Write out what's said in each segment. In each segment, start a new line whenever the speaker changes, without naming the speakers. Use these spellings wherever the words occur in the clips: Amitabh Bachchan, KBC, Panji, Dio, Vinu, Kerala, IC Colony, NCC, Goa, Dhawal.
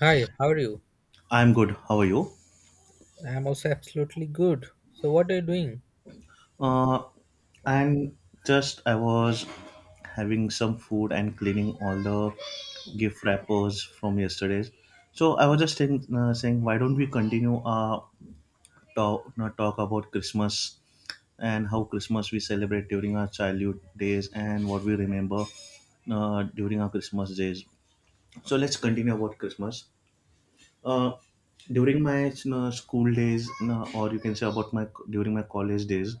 Hi, how are you?
I'm good. How are you?
I'm also absolutely good. So what are you doing?
Uh, I'm I was having some food and cleaning all the gift wrappers from yesterday's. So I was just saying, why don't we continue our talk about Christmas and how Christmas we celebrate during our childhood days and what we remember during our Christmas days. So let's continue about Christmas. Uh, during my school days, or you can say about my during my college days,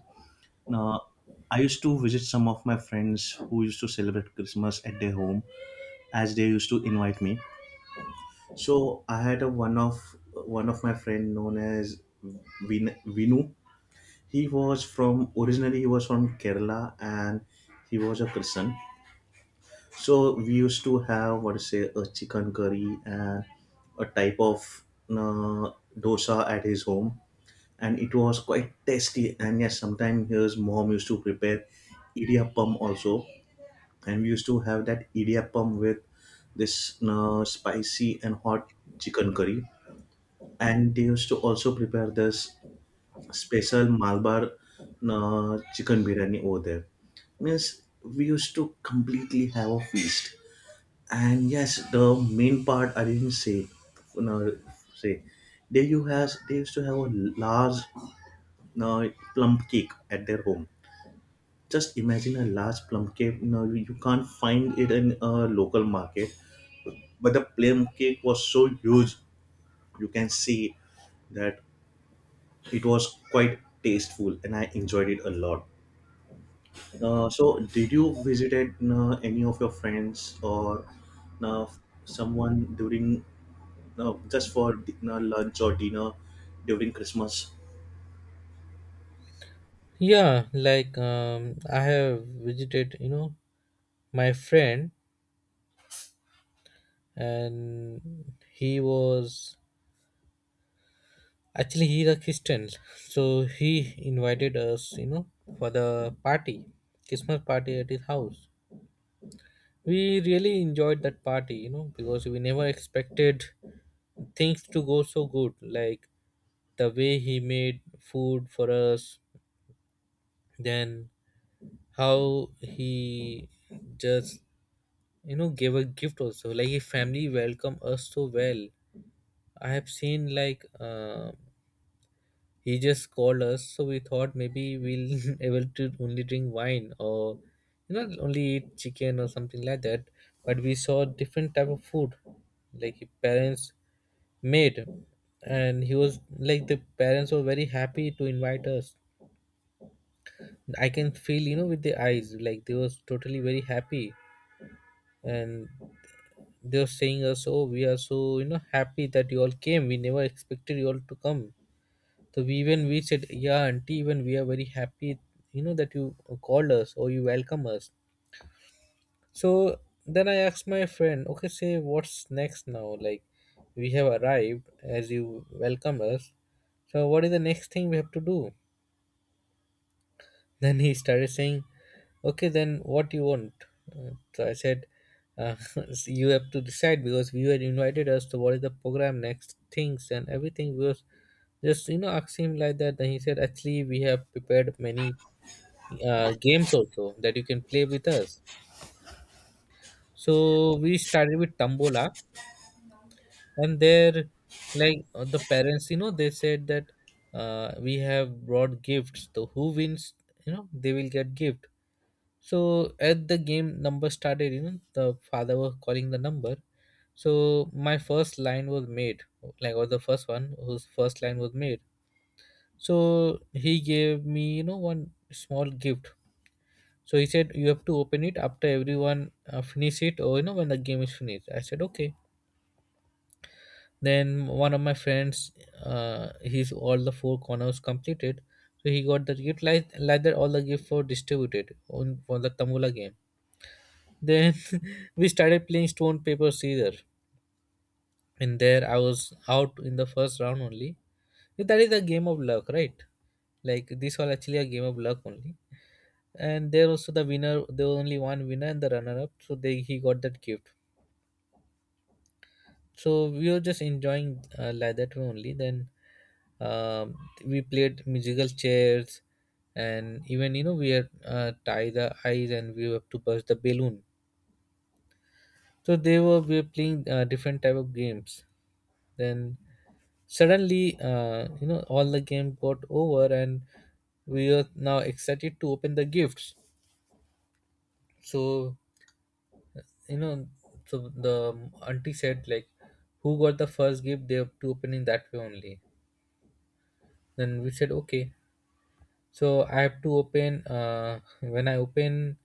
now, I used to visit some of my friends who used to celebrate Christmas at their home, as they used to invite me. So I had a one of my friend known as Vinu. He was from originally he was from Kerala, and he was a Christian. So we used to have, what to say, a chicken curry and a type of uh, dosa at his home, and it was quite tasty. And yes, sometimes his mom used to prepare idiyappam also, and we used to have that idiyappam with this spicy and hot chicken curry. And they used to also prepare this special malabar chicken biryani over there. Means, we used to completely have a feast. And yes, the main part I didn't say. No, say, they you has they used to have a large uh, plum cake at their home. Just imagine a large plum cake, you can't find it in a local market, but the plum cake was so huge. You can see that it was quite tasteful, and I enjoyed it a lot. So did you visit any of your friends or uh, someone during, just for lunch or dinner during Christmas?
Yeah, like I have visited, my friend, and he was actually he's a Christian, so he invited us, for the party, Christmas party at his house. We really enjoyed that party, you know, because we never expected things to go so good. Like the way he made food for us, then how he just, you know, gave a gift also. Like his family welcomed us so well. I have seen, like he just called us, so we thought maybe we'll able to only drink wine or, you know, only eat chicken or something like that, but we saw different type of food like his parents made. And he was like the parents were very happy to invite us. I can feel, you know, with the eyes like they was totally very happy. And they were saying us, oh, we are so, you know, happy that you all came. We never expected you all to come. So we even we said, yeah, auntie, even we are very happy, you know, that you called us or you welcome us. So then I asked my friend, okay, say what's next now. Like we have arrived as you welcomed us, so what is the next thing we have to do? Then he started saying, okay, then what do you want? So I said, uh, "So you have to decide because you had invited us to what is the program, next things, and everything." We was just, you know, asking him like that. Then he said, actually, we have prepared many games also that you can play with us. So we started with Tambola, and there, like the parents, you know, they said that we have brought gifts. So who wins, you know, they will get gift. So at the game number started, you know, the father was calling the number. So my first line was made, like was the first one whose first line was made. So he gave me, you know, one small gift. So he said you have to open it after everyone finish it, or you know when the game is finished. I said okay. Then one of my friends, his all the four corners completed. So he got the gift like that. All the gift were distributed on for the Tamula game. Then we started playing stone paper scissor. And there I was out in the first round only. Yeah, that is a game of luck, right? Like this was actually a game of luck only. And there also the winner, there was only one winner and the runner up. So they he got that gift. So we were just enjoying like that way only. Then um, we played musical chairs, and even you know we had, tie the eyes and we have to burst the balloon. So they were we were playing different type of games. Then suddenly, you know, all the game got over, and we are now excited to open the gifts. So, you know, so the auntie said like, who got the first gift? They have to open in that way only. Then we said okay. So I have to open. When I open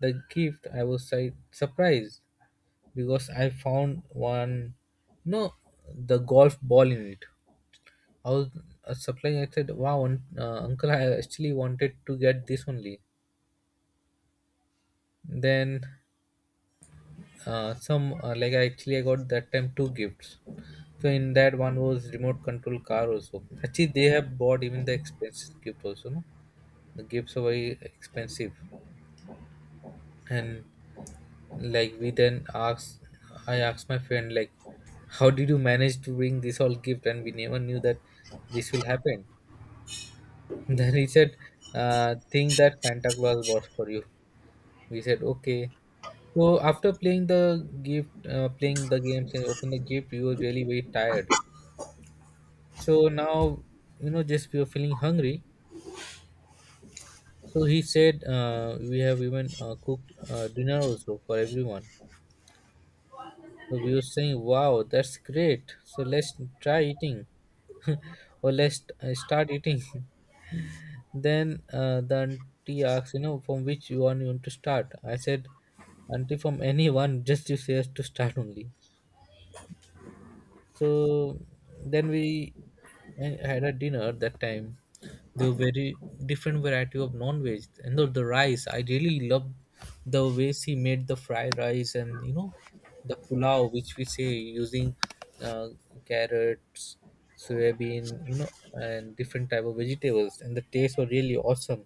the gift, I was like surprised because I found one, you know, the golf ball in it. I was supplying. I said, "Wow, uncle, I actually wanted to get this only." Then some like I actually I got that time two gifts. So in that one was remote control car also. Actually, they have bought even the expensive gift also. No, the gifts are very expensive, and like we then asked. I asked my friend like, "How did you manage to bring this all gift?" And we never knew that this will happen. Then he said, "Think that Santa Claus bought for you." We said okay. So after playing the gift, playing the games and open the gift, we were really very tired. So now, you know, just we were feeling hungry. So he said, we have even cooked dinner also for everyone. So we were saying, wow, that's great. So let's try eating, or let's start eating. Then the auntie asked, you know, from which one you want to start. I said, auntie, from anyone. Just you say us to start only. So then we had a dinner that time. There were very different variety of non-veg and the rice. I really loved the way she made the fried rice, and you know the pulao, which we say using uh, carrots, soybean, you know, and different type of vegetables. And the tastes were really awesome.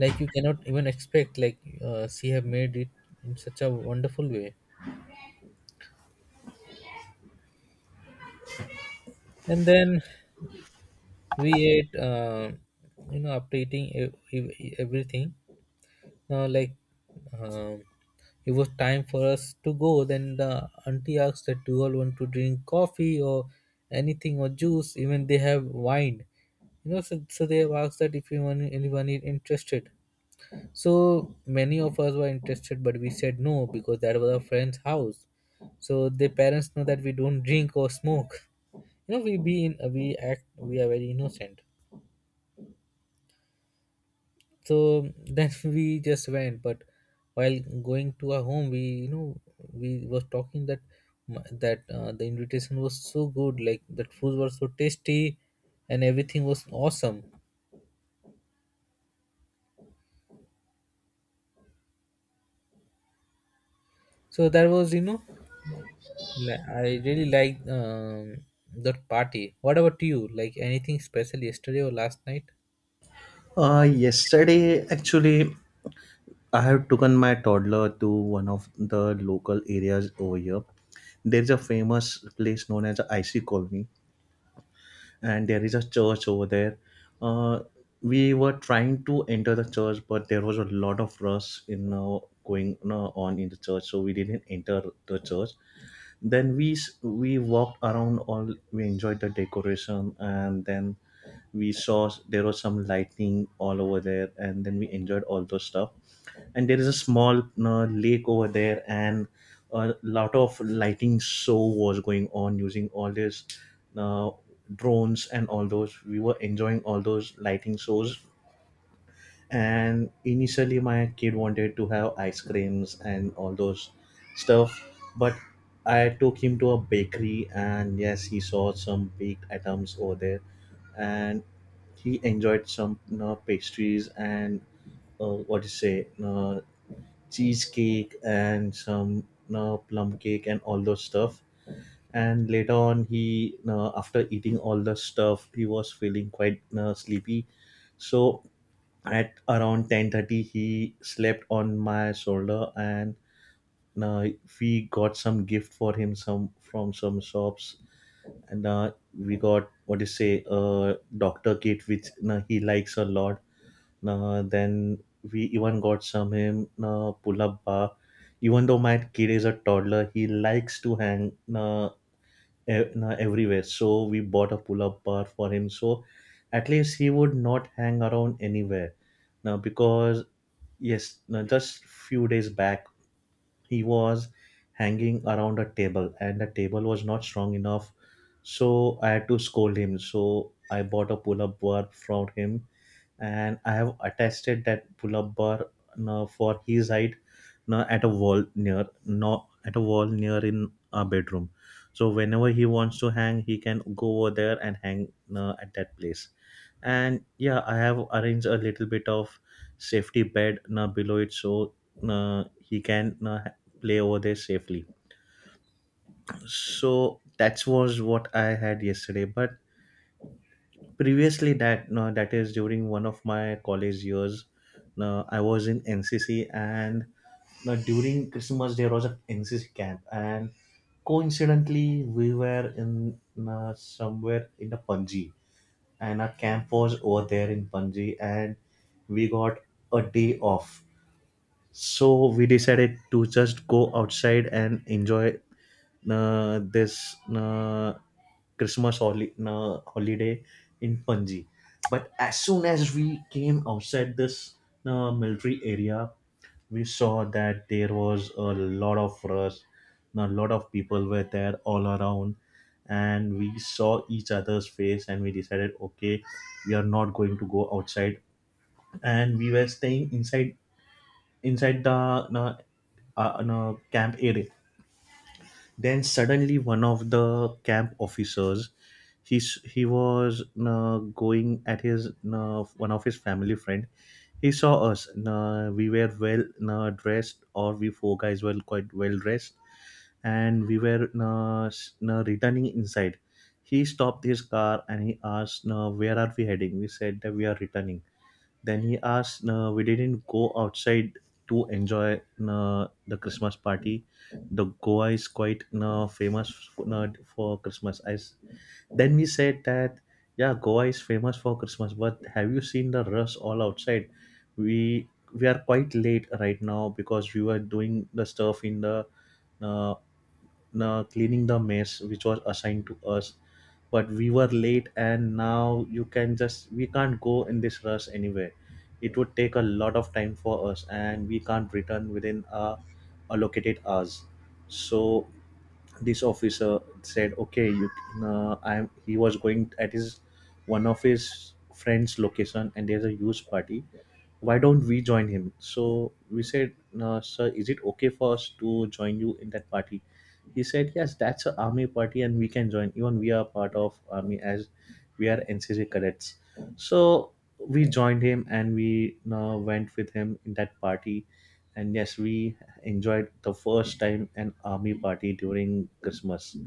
Like you cannot even expect. Like she have made it in such a wonderful way. And then we ate, you know, after eating everything, like um, it was time for us to go. Then the auntie asked that do you all want to drink coffee or anything or juice? Even they have wine, you know. So, so they have asked that if anyone is interested. So many of us were interested, but we said no because that was our friend's house. So their parents know that we don't drink or smoke. You know, we be in we act we are very innocent. So then we just went. But while going to our home, we, you know, we was talking that that the invitation was so good, like that food was so tasty, and everything was awesome. So that was, you know, I really liked, that party. What about you? Like anything special yesterday or last night?
Yesterday, actually, I have taken my toddler to one of the local areas over here. There's a famous place known as the IC Colony, and there is a church over there. Uh, we were trying to enter the church, but there was a lot of rush in, going, on in the church, so we didn't enter the church. Then we walked around all. We enjoyed the decoration, and then we saw there was some lightning all over there, and then we enjoyed all those stuff. And there is a small lake over there, and a lot of lighting show was going on using all these uh, drones and all those. We were enjoying all those lighting shows, and initially my kid wanted to have ice creams and all those stuff. But I took him to a bakery, and yes, he saw some baked items over there, and he enjoyed some, pastries and what do you say cheesecake and some plum cake and all those stuff. And later on, he after eating all the stuff, he was feeling quite sleepy. So at around 10:30, he slept on my shoulder. And uh, we got some gift for him, some from some shops. And we got, what do you say, a doctor kit, which he likes a lot. Uh, then we even got some him pull-up bar. Even though my kid is a toddler, he likes to hang everywhere. So we bought a pull-up bar for him. So at least he would not hang around anywhere now, because yes, now just few days back he was hanging around a table, and the table was not strong enough. So I had to scold him. So I bought a pull-up bar from him, and I have attested that pull-up bar now for his height now at a wall near in our bedroom. So whenever he wants to hang, he can go over there and hang now at that place. And yeah, I have arranged a little bit of safety bed now below it, so he can play over there safely. So that was what I had yesterday. But previously, that no, that is during one of my college years. No, I was in NCC, and, no, during Christmas there was a NCC camp, and coincidentally we were in, no, somewhere in the Panji, and our camp was over there in Panji, and we got a day off. So we decided to just go outside and enjoy this christmas holiday in Panji. But as soon as we came outside this military area, we saw that there was a lot of rush, a lot of people were there all around. And we saw each other's face and we decided, okay, we are not going to go outside. And we were staying inside, inside the no, camp area. Then suddenly one of the camp officers, he was going at his one of his family friend. He saw us. We were well dressed, or we four guys were quite well dressed, and we were returning inside. He stopped his car and he asked, "Where are we heading?" We said that we are returning. Then he asked, we didn't go outside to enjoy the Christmas party. The Goa is quite famous for Christmas. Then we said that, yeah, Goa is famous for Christmas, but have you seen the rush all outside? We we are quite late right now because we were doing the stuff in the uh, cleaning the mess which was assigned to us. But we were late, and now you can just we can't go in this rush anywhere. It would take a lot of time for us, and we can't return within our allocated hours. So this officer said, okay, you I'm he was going at his one of his friends location, and there's a huge party, why don't we join him? So we said, no, sir, is it okay for us to join you in that party? He said, yes, that's an army party, and we can join, even we are part of army as we are NCC cadets. So we joined him, and we went with him in that party. And yes, we enjoyed the first time an army party during Christmas.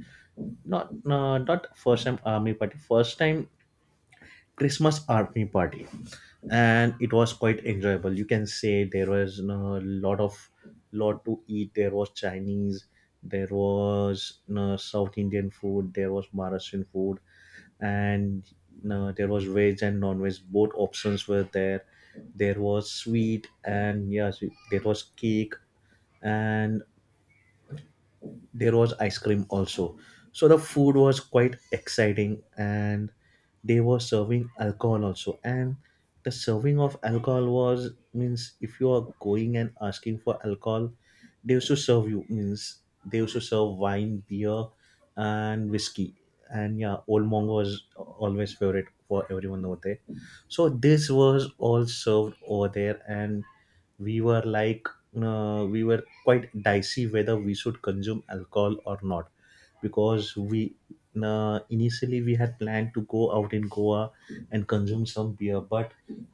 Not not first time army party first time Christmas army party, and it was quite enjoyable. You can say there was a lot to eat. There was Chinese, there was South Indian food, there was Maharashtrian food, and there was veg and non-veg. Both options were there. There was sweet, and yes, there was cake, and there was ice cream also. So the food was quite exciting, and they were serving alcohol also. And the serving of alcohol was, means, if you are going and asking for alcohol, they also serve you. Means, they also serve wine, beer, and whiskey. And yeah, old monk was always favorite for everyone over there. So this was all served over there, and we were like, we were quite dicey whether we should consume alcohol or not, because we initially we had planned to go out in Goa and consume some beer. But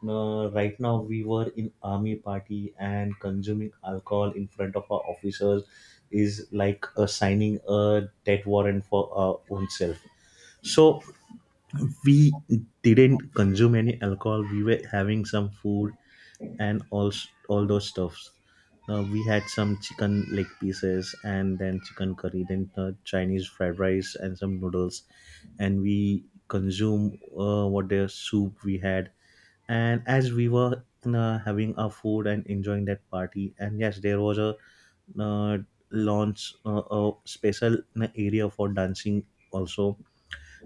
right now we were in army party, and consuming alcohol in front of our officers is like signing a death warrant for our own self. So we didn't consume any alcohol. We were having some food and all those stuffs. We had some chicken leg pieces, and then chicken curry, then Chinese fried rice and some noodles. And we consume, what, their soup we had. And as we were having our food and enjoying that party, and yes, there was a uh, launch, a special area for dancing also.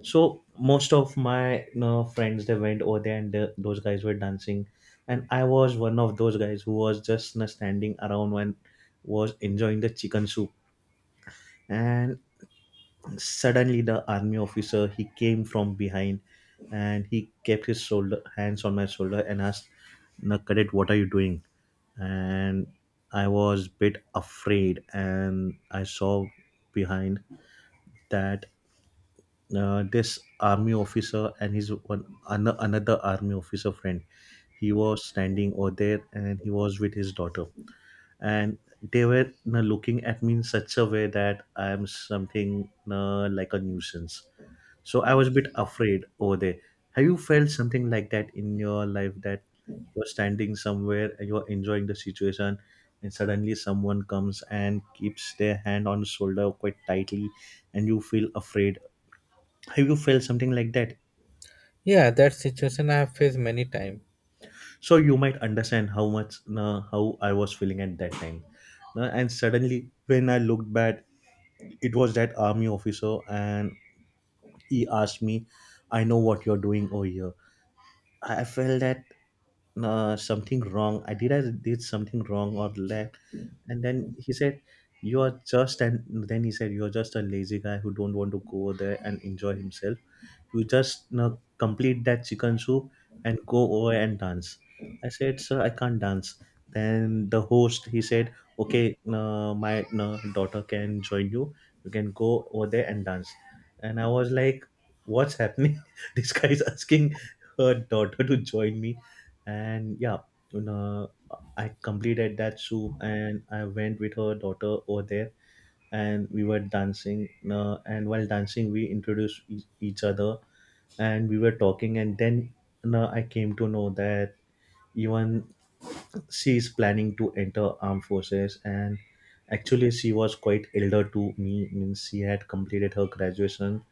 So most of my, friends, they went over there, and those guys were dancing, and I was one of those guys who was just, standing around and was enjoying the chicken soup. And suddenly the army officer he came from behind, and he kept his shoulder hands on my shoulder and asked, "Na cadet, what are you doing?" And I was bit afraid, and I saw behind that this army officer and his one another army officer friend he was standing over there and he was with his daughter, and they were looking at me in such a way that I am something like a nuisance. So I was a bit afraid over there. Have you felt something like that in your life, that you're standing somewhere and you're enjoying the situation, and suddenly someone comes and keeps their hand on the shoulder quite tightly and you feel afraid? Have you felt something like that?
Yeah, that situation I have faced many times.
So you might understand how much, how I was feeling at that time. And suddenly when I looked back, it was that army officer, and he asked me, I know what you're doing over here. I felt that something wrong I did, I did something wrong or left. And then he said, you are just, and then he said, you're just a lazy guy who don't want to go there and enjoy himself. You just complete that chicken soup and go over and dance. I said, sir, I can't dance. Then the host he said, okay, my daughter can join you. You can go over there and dance. And I was like, what's happening? This guy is asking her daughter to join me. And yeah, you know, I completed that soup and I went with her daughter over there and we were dancing. And while dancing, we introduced each other and we were talking, and then no, I came to know that even she is planning to enter armed forces. And actually she was quite elder to me, means she had completed her graduation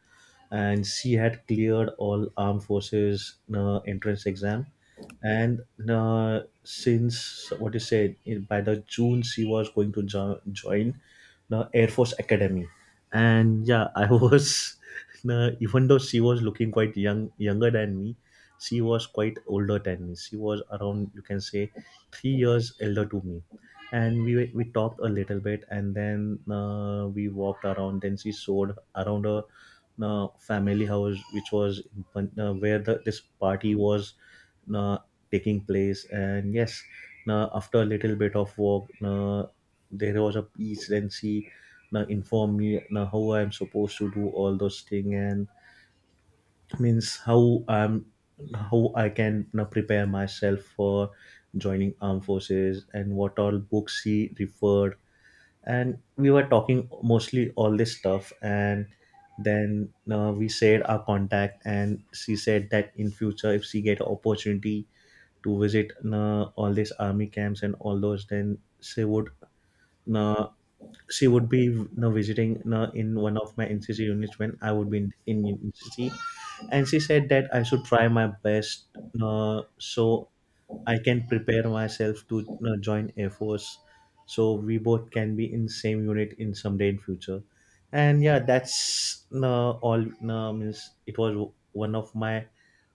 and she had cleared all armed forces entrance exam. And since what you said in, by the June she was going to join the air force academy. And yeah, I was even though she was looking quite younger than me, she was quite older than me. She was around, you can say, 3 years elder to me. And we talked a little bit, and then we walked around, then she showed around her family house, which was in, Pan- where the, this party was uh, taking place. And yes, after a little bit of work, there was a peace, and she informed me how I'm supposed to do all those things. And means how I'm, how I can prepare myself for joining armed forces, and what all books she referred. And we were talking mostly all this stuff, and then we said our contact, and she said that in future, if she get opportunity to visit all these army camps and all those, then she would, uh, she would be visiting in one of my NCC units when I would be in NCC. And she said that I should try my best, so I can prepare myself to join Air Force, so we both can be in same unit in someday in future. And yeah, that's all. Means it was one of my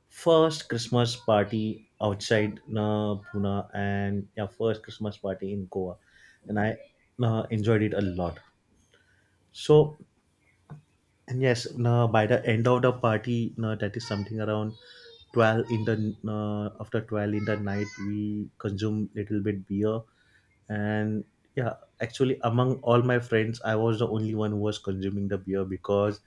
first Christmas party outside, Pune, and yeah, first Christmas party in Goa, and I enjoyed it a lot. So and yes, you by the end of the party, you that is something around 12 in the after 12 in the night, we consume little bit beer. And yeah, actually among all my friends I was the only one who was consuming the beer, because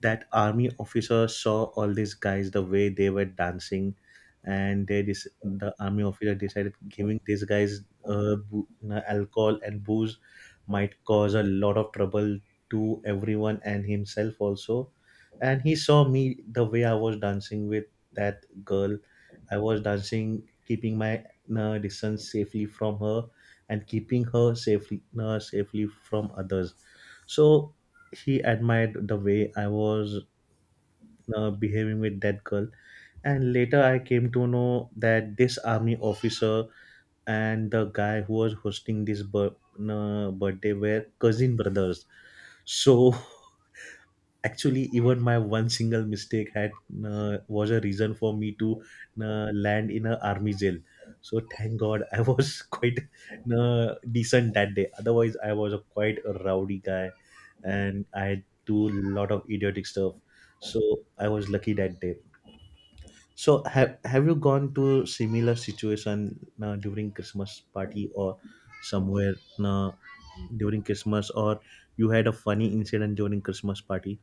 that army officer saw all these guys the way they were dancing, and they the army officer decided giving these guys alcohol and booze might cause a lot of trouble to everyone and himself also. And he saw me the way I was dancing with that girl. I was dancing keeping my distance safely from her, and keeping her safely, safely from others. So he admired the way I was behaving with that girl. And later I came to know that this army officer and the guy who was hosting this birthday were cousin brothers. So actually even my one single mistake had, was a reason for me to land in a army jail. So thank god I was quite decent that day, otherwise I was a quite a rowdy guy and I do a lot of idiotic stuff. So I was lucky that day. So have you gone to similar situation during Christmas party or somewhere, uh, during Christmas, or you had a funny incident during Christmas party?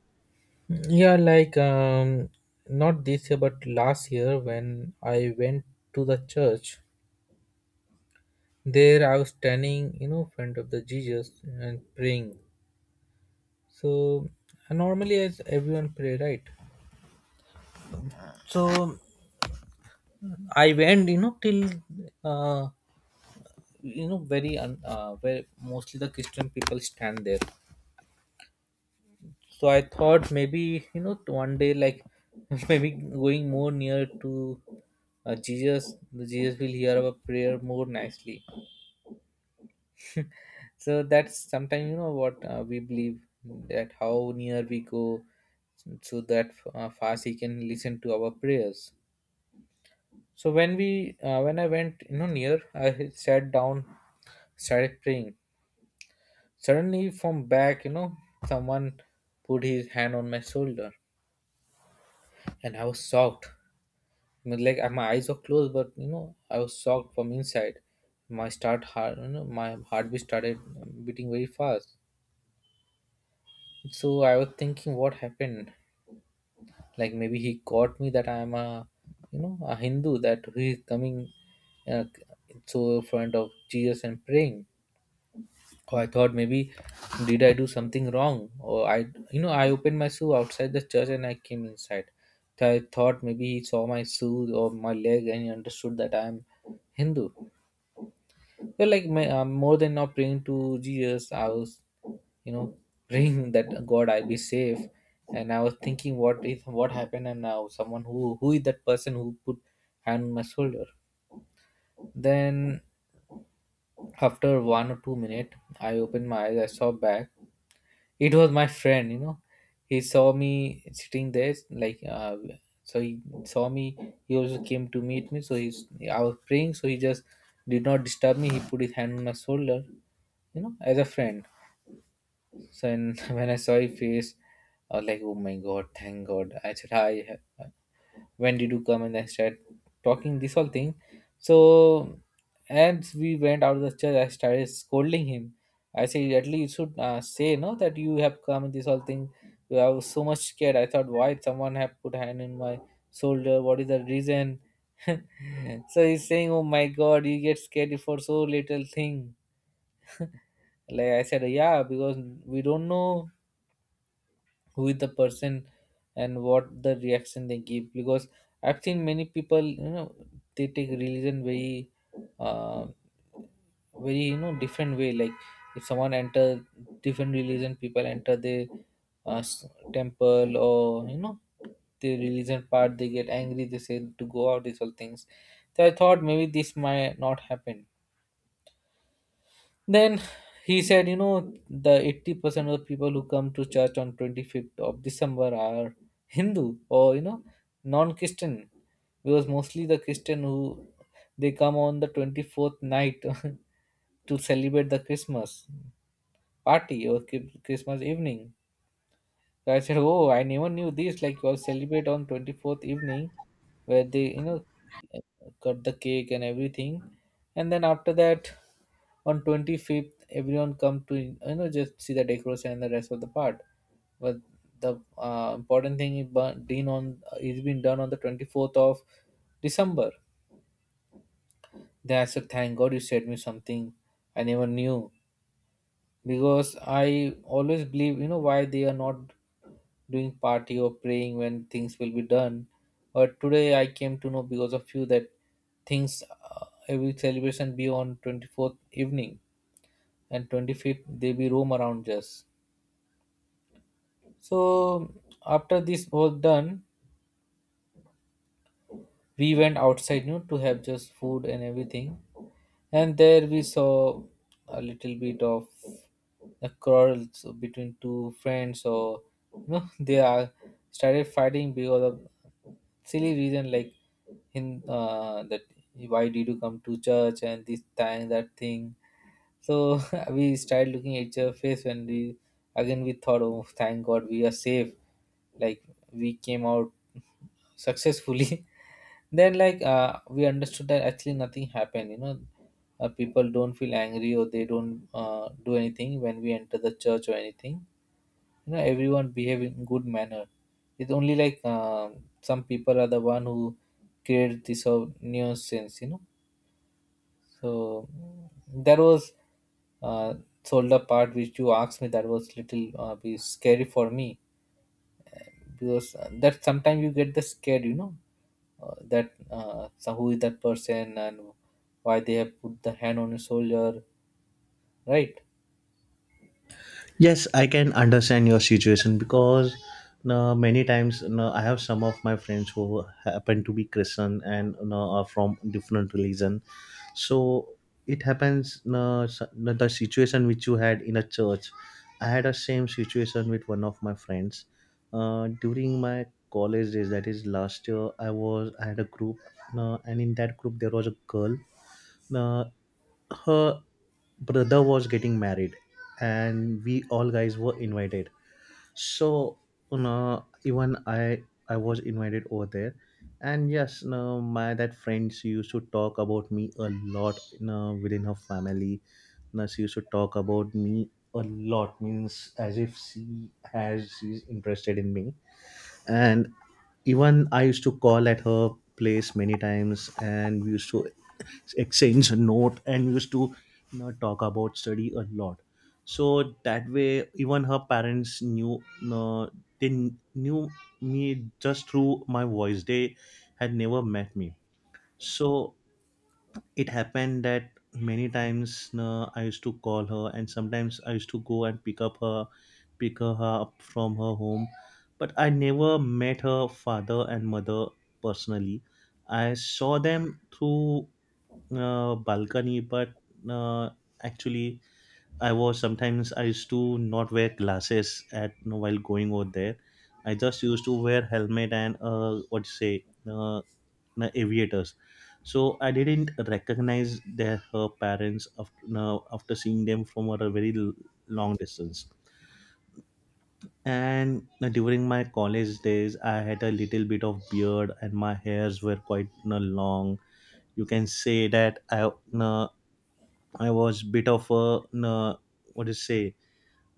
Yeah, like not this year, but last year when I went to the church, there I was standing, you know, front of the Jesus and praying. So and normally as everyone pray, right? So I went, you know, till uh, where mostly the Christian people stand there. So I thought maybe, you know, one day like, maybe going more near to Jesus will hear our prayer more nicely. So that's sometimes, you know, what we believe, that how near we go, so that fast he can listen to our prayers. So when I went, you know, near, I had sat down, started praying. Suddenly from back, you know, someone put his hand on my shoulder, and I was shocked. I mean, like my eyes were closed, but you know I was shocked from inside. My start heart you know my heartbeat started beating very fast. So I was thinking what happened. Like maybe he caught me that I am a, you know, a Hindu, that he is coming, uh, so in front of Jesus and praying. Or I thought maybe did I do something wrong, or I, you know, I opened my shoe outside the church and I came inside. So I thought maybe he saw my shoe or my leg, and he understood that I am Hindu. But like my, more than not praying to Jesus, I was, you know, praying that god I be safe. And I was thinking what if what happened, and now someone who is that person who put hand on my shoulder. Then after one or two minutes I opened my eyes, I saw back, it was my friend. You know, he saw me sitting there, like so he saw me, he also came to meet me, so he's, I was praying, so he just did not disturb me, he put his hand on my shoulder, you know, as a friend. So and when I saw his face, I was like, "Oh my god, thank God!" I said, "Hi, when did you come?" And I started talking this whole thing. So as we went out of the church, I started scolding him. I said, "At least you should, say no that you have come and this whole thing." Well, I was so much scared. I thought, "Why someone have put hand in my shoulder? What is the reason?" So he's saying, "Oh my god, you get scared for so little thing." Like I said, "Yeah, because we don't know who is the person and what the reaction they give." Because I've seen many people, you know, they take religion very, uh, very, you know, different way. Like if someone enter different religion, people enter the uh, s- temple or, you know, the religion part, they get angry, they say to go out, these all things. So I thought maybe this might not happen. Then he said, you know, the 80% of the people who come to church on 25th of December are Hindu or, you know, non-Christian. Because mostly the Christian who they come on the 24th night to celebrate the Christmas party or Christmas evening. So I said, "Oh, I never knew this. Like you all celebrate on 24th evening, where they, you know, cut the cake and everything, and then after that, on 25th, everyone come to, you know, just see the decoration and the rest of the part. But the important thing is been done on the 24th of December." Then I said, "Thank God you said me something I never knew." Because I always believe, you know, why they are not doing party or praying when things will be done. But today I came to know because of you that things, every celebration be on 24th evening, and 25th they be roam around just. So after this was done, we went outside, you know, to have just food and everything. And there we saw a little bit of a quarrel, so between two friends. So you know they are started fighting because of silly reason, like in that why did you come to church and this thing that thing. So we started looking at each other face, and we again we thought, oh thank god we are safe, like we came out successfully. Then like we understood that actually nothing happened, you know, people don't feel angry or they don't do anything when we enter the church or anything. You know, everyone behave in good manner. It's only like some people are the one who created this whole nuisance, you know. So that was uh, sold the part which you asked me, that was little be scary for me. Because that sometimes you get the scared, you know, that so who is that person and why they have put the hand on his shoulder, right?
Yes, I can understand your situation, because many times I have some of my friends who happen to be Christian and are from different religion. So it happens, the situation which you had in a church. I had a same situation with one of my friends during my college days. That is last year. I had a group, and in that group there was a girl. Uh, Her brother was getting married, and we all guys were invited. So even I was invited over there. And yes, my that friend she used to talk about me a lot, within her family. She used to talk about me a lot, means as if she's interested in me. And even I used to call at her place many times, and we used to exchange a note, and we used to talk about study a lot. So that way even her parents knew, uh, they knew me just through my voice. They had never met me. So it happened that many times I used to call her, and sometimes I used to go and pick up her, pick her up from her home. But I never met her father and mother personally. I saw them through balcony, but uh, actually, I was sometimes I used to not wear glasses at while going over there. I just used to wear helmet and what you say, aviators. So I didn't recognize their, her parents after, now after seeing them from a very long distance. And during my college days I had a little bit of beard and my hairs were quite you long. You can say that I was bit of a, you what is say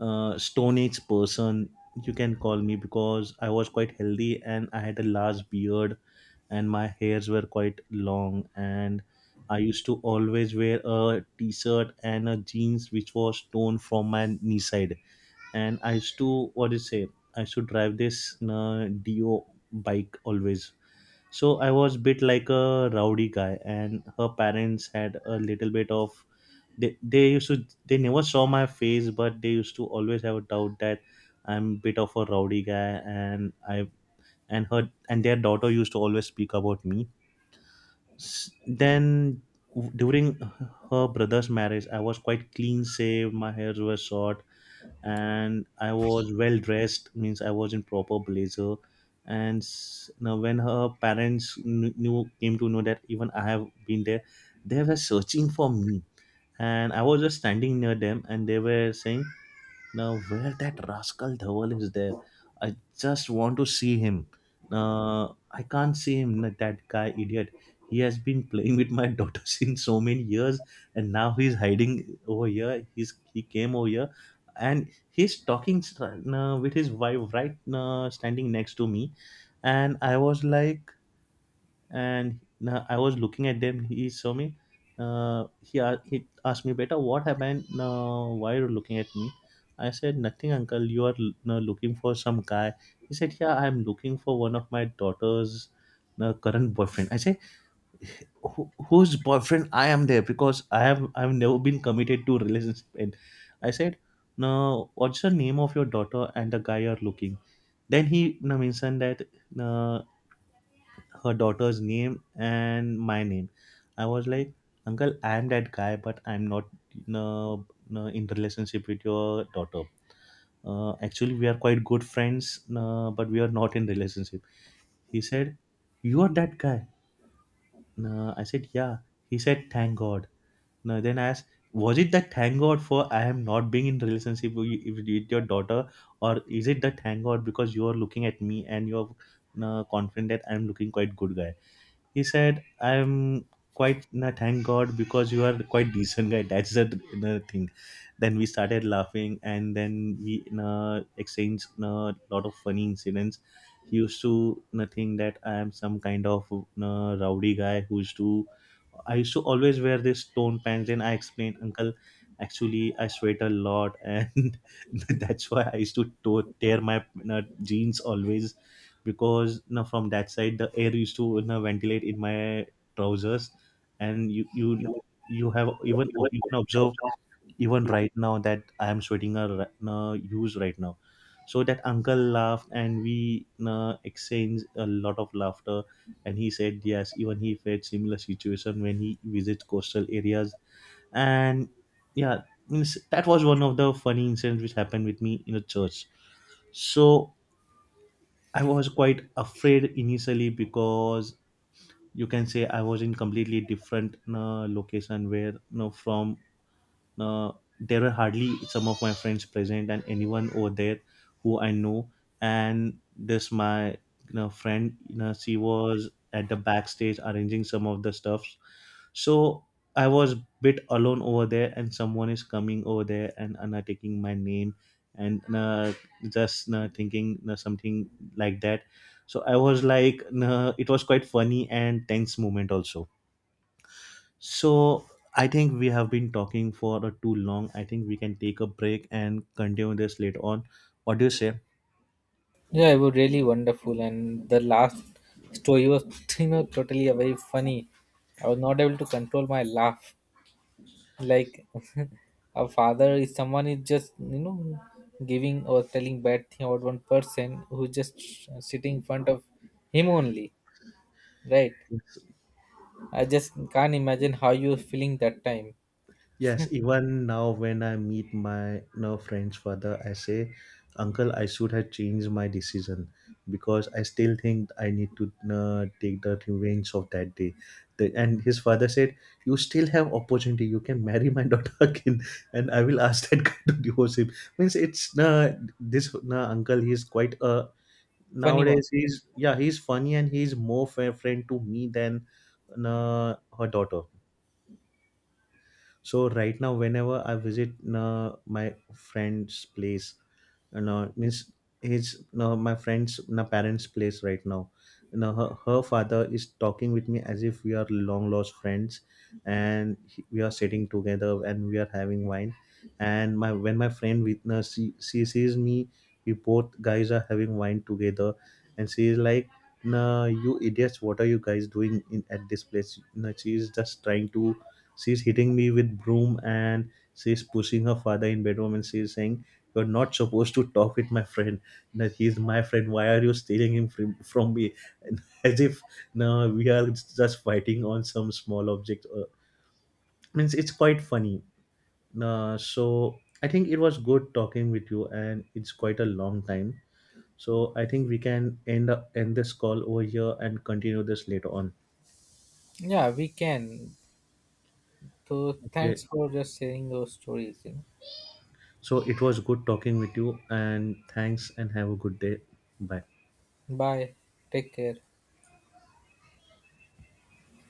stone age person, you can call me, because I was quite healthy and I had a large beard, and my hairs were quite long. And I used to always wear a t-shirt and a jeans which was torn from my knee side, and I used to, what do you say I used to drive this Dio bike always. So I was bit like a rowdy guy, and her parents had a little bit of, they used to, they never saw my face, but they used to always have a doubt that I'm bit of a rowdy guy. And I, and her and their daughter used to always speak about me. Then during her brother's marriage, I was quite clean shaved, my hairs were short, and I was well dressed, means I was in proper blazer. And now when her parents knew, came to know that even I have been there, they were searching for me, and I was just standing near them, and they were saying, now, where that rascal Dhawal is there, I just want to see him. I can't see him, that guy idiot. He has been playing with my daughter since so many years, and now he's hiding over here. He came over here, and he's talking with his wife right, standing next to me. And I was like, and I was looking at them. He saw me. He asked me, "Beta, what happened? Why are you looking at me?" I said, "Nothing, uncle. You are looking for some guy." He said, "Yeah, I am looking for one of my daughter's current boyfriend." I said, "Whose boyfriend I am there? Because I have never been committed to a relationship." And I said, "No, what's the name of your daughter and the guy you are looking?" Then he mentioned that. Uh, Her daughter's name and my name. I was like, uncle, I'm that guy, but I'm not, no, no, in relationship with your daughter. Actually, we are quite good friends, no, but we are not in relationship. He said, you are that guy. No, I said, yeah. He said, thank God. No, then I asked, was it that thank God for I am not being in relationship with with your daughter, or is it the thank God because you are looking at me and you're confident that I'm looking quite good guy? He said, I'm quite, nah, thank God, because you are quite decent guy. That's the nah, thing. Then we started laughing and then we nah, exchanged a lot of funny incidents. He used to nah, think that I am some kind of nah, rowdy guy who used to, I used to always wear this tone pants. Then I explained, uncle, actually I sweat a lot, and that's why I used to tear my nah, jeans always, because you know, from that side the air used to you know, ventilate in my trousers. And you have, even you can observe even right now that I am sweating a you use right now. So that uncle laughed and we you exchanged a lot of laughter. And he said yes, even he faced similar situation when he visits coastal areas. And yeah, means that was one of the funny incidents which happened with me in a church. So I was quite afraid initially, because you can say I was in completely different location where you know, from uh, there were hardly some of my friends present and anyone over there who I know. And this my friend, she was at the backstage arranging some of the stuff. So I was bit alone over there, and someone is coming over there and taking my name and just thinking something like that. So I was like, it was quite funny and tense moment also. So I think we have been talking for too long. I think we can take a break and continue this later on. What do you say?
Yeah, it was really wonderful, and the last story was you know totally a very funny. I was not able to control my laugh. Like a father is someone is just, you know, giving or telling bad thing about one person who's just sitting in front of him only, right? I just can't imagine how you were feeling that time.
Yes, even now when I meet my now friend's father, I say, uncle, I should have changed my decision, because I still think I need to take the revenge of that day. The, and his father said, you still have opportunity. You can marry my daughter again, and I will ask that guy to divorce him. Means it's this uncle. He's quite
Funny one.
nowadays. He's yeah, he's funny, and he's more fair friend to me than her daughter. So right now whenever I visit my friend's place, no means his no, my friend's no parents place right now. No, her, her father is talking with me as if we are long lost friends, and we are sitting together and we are having wine. And my when my friend witness she sees me, we both guys are having wine together, and she is like, nah, you idiots, what are you guys doing in at this place? No, she is just trying to, she's hitting me with broom, and she's pushing her father in bedroom, and she's saying, you're not supposed to talk with my friend. No, he's my friend. Why are you stealing him from me? As if, no, we are just fighting on some small object. Means it's quite funny. So I think it was good talking with you, and it's quite a long time. So I think we can end this call over here and continue this later on.
Yeah, we can. So
Okay.
thanks for just sharing those stories. You
So it was good talking with you, and thanks, and have a good day. Bye.
know. Bye. Take care.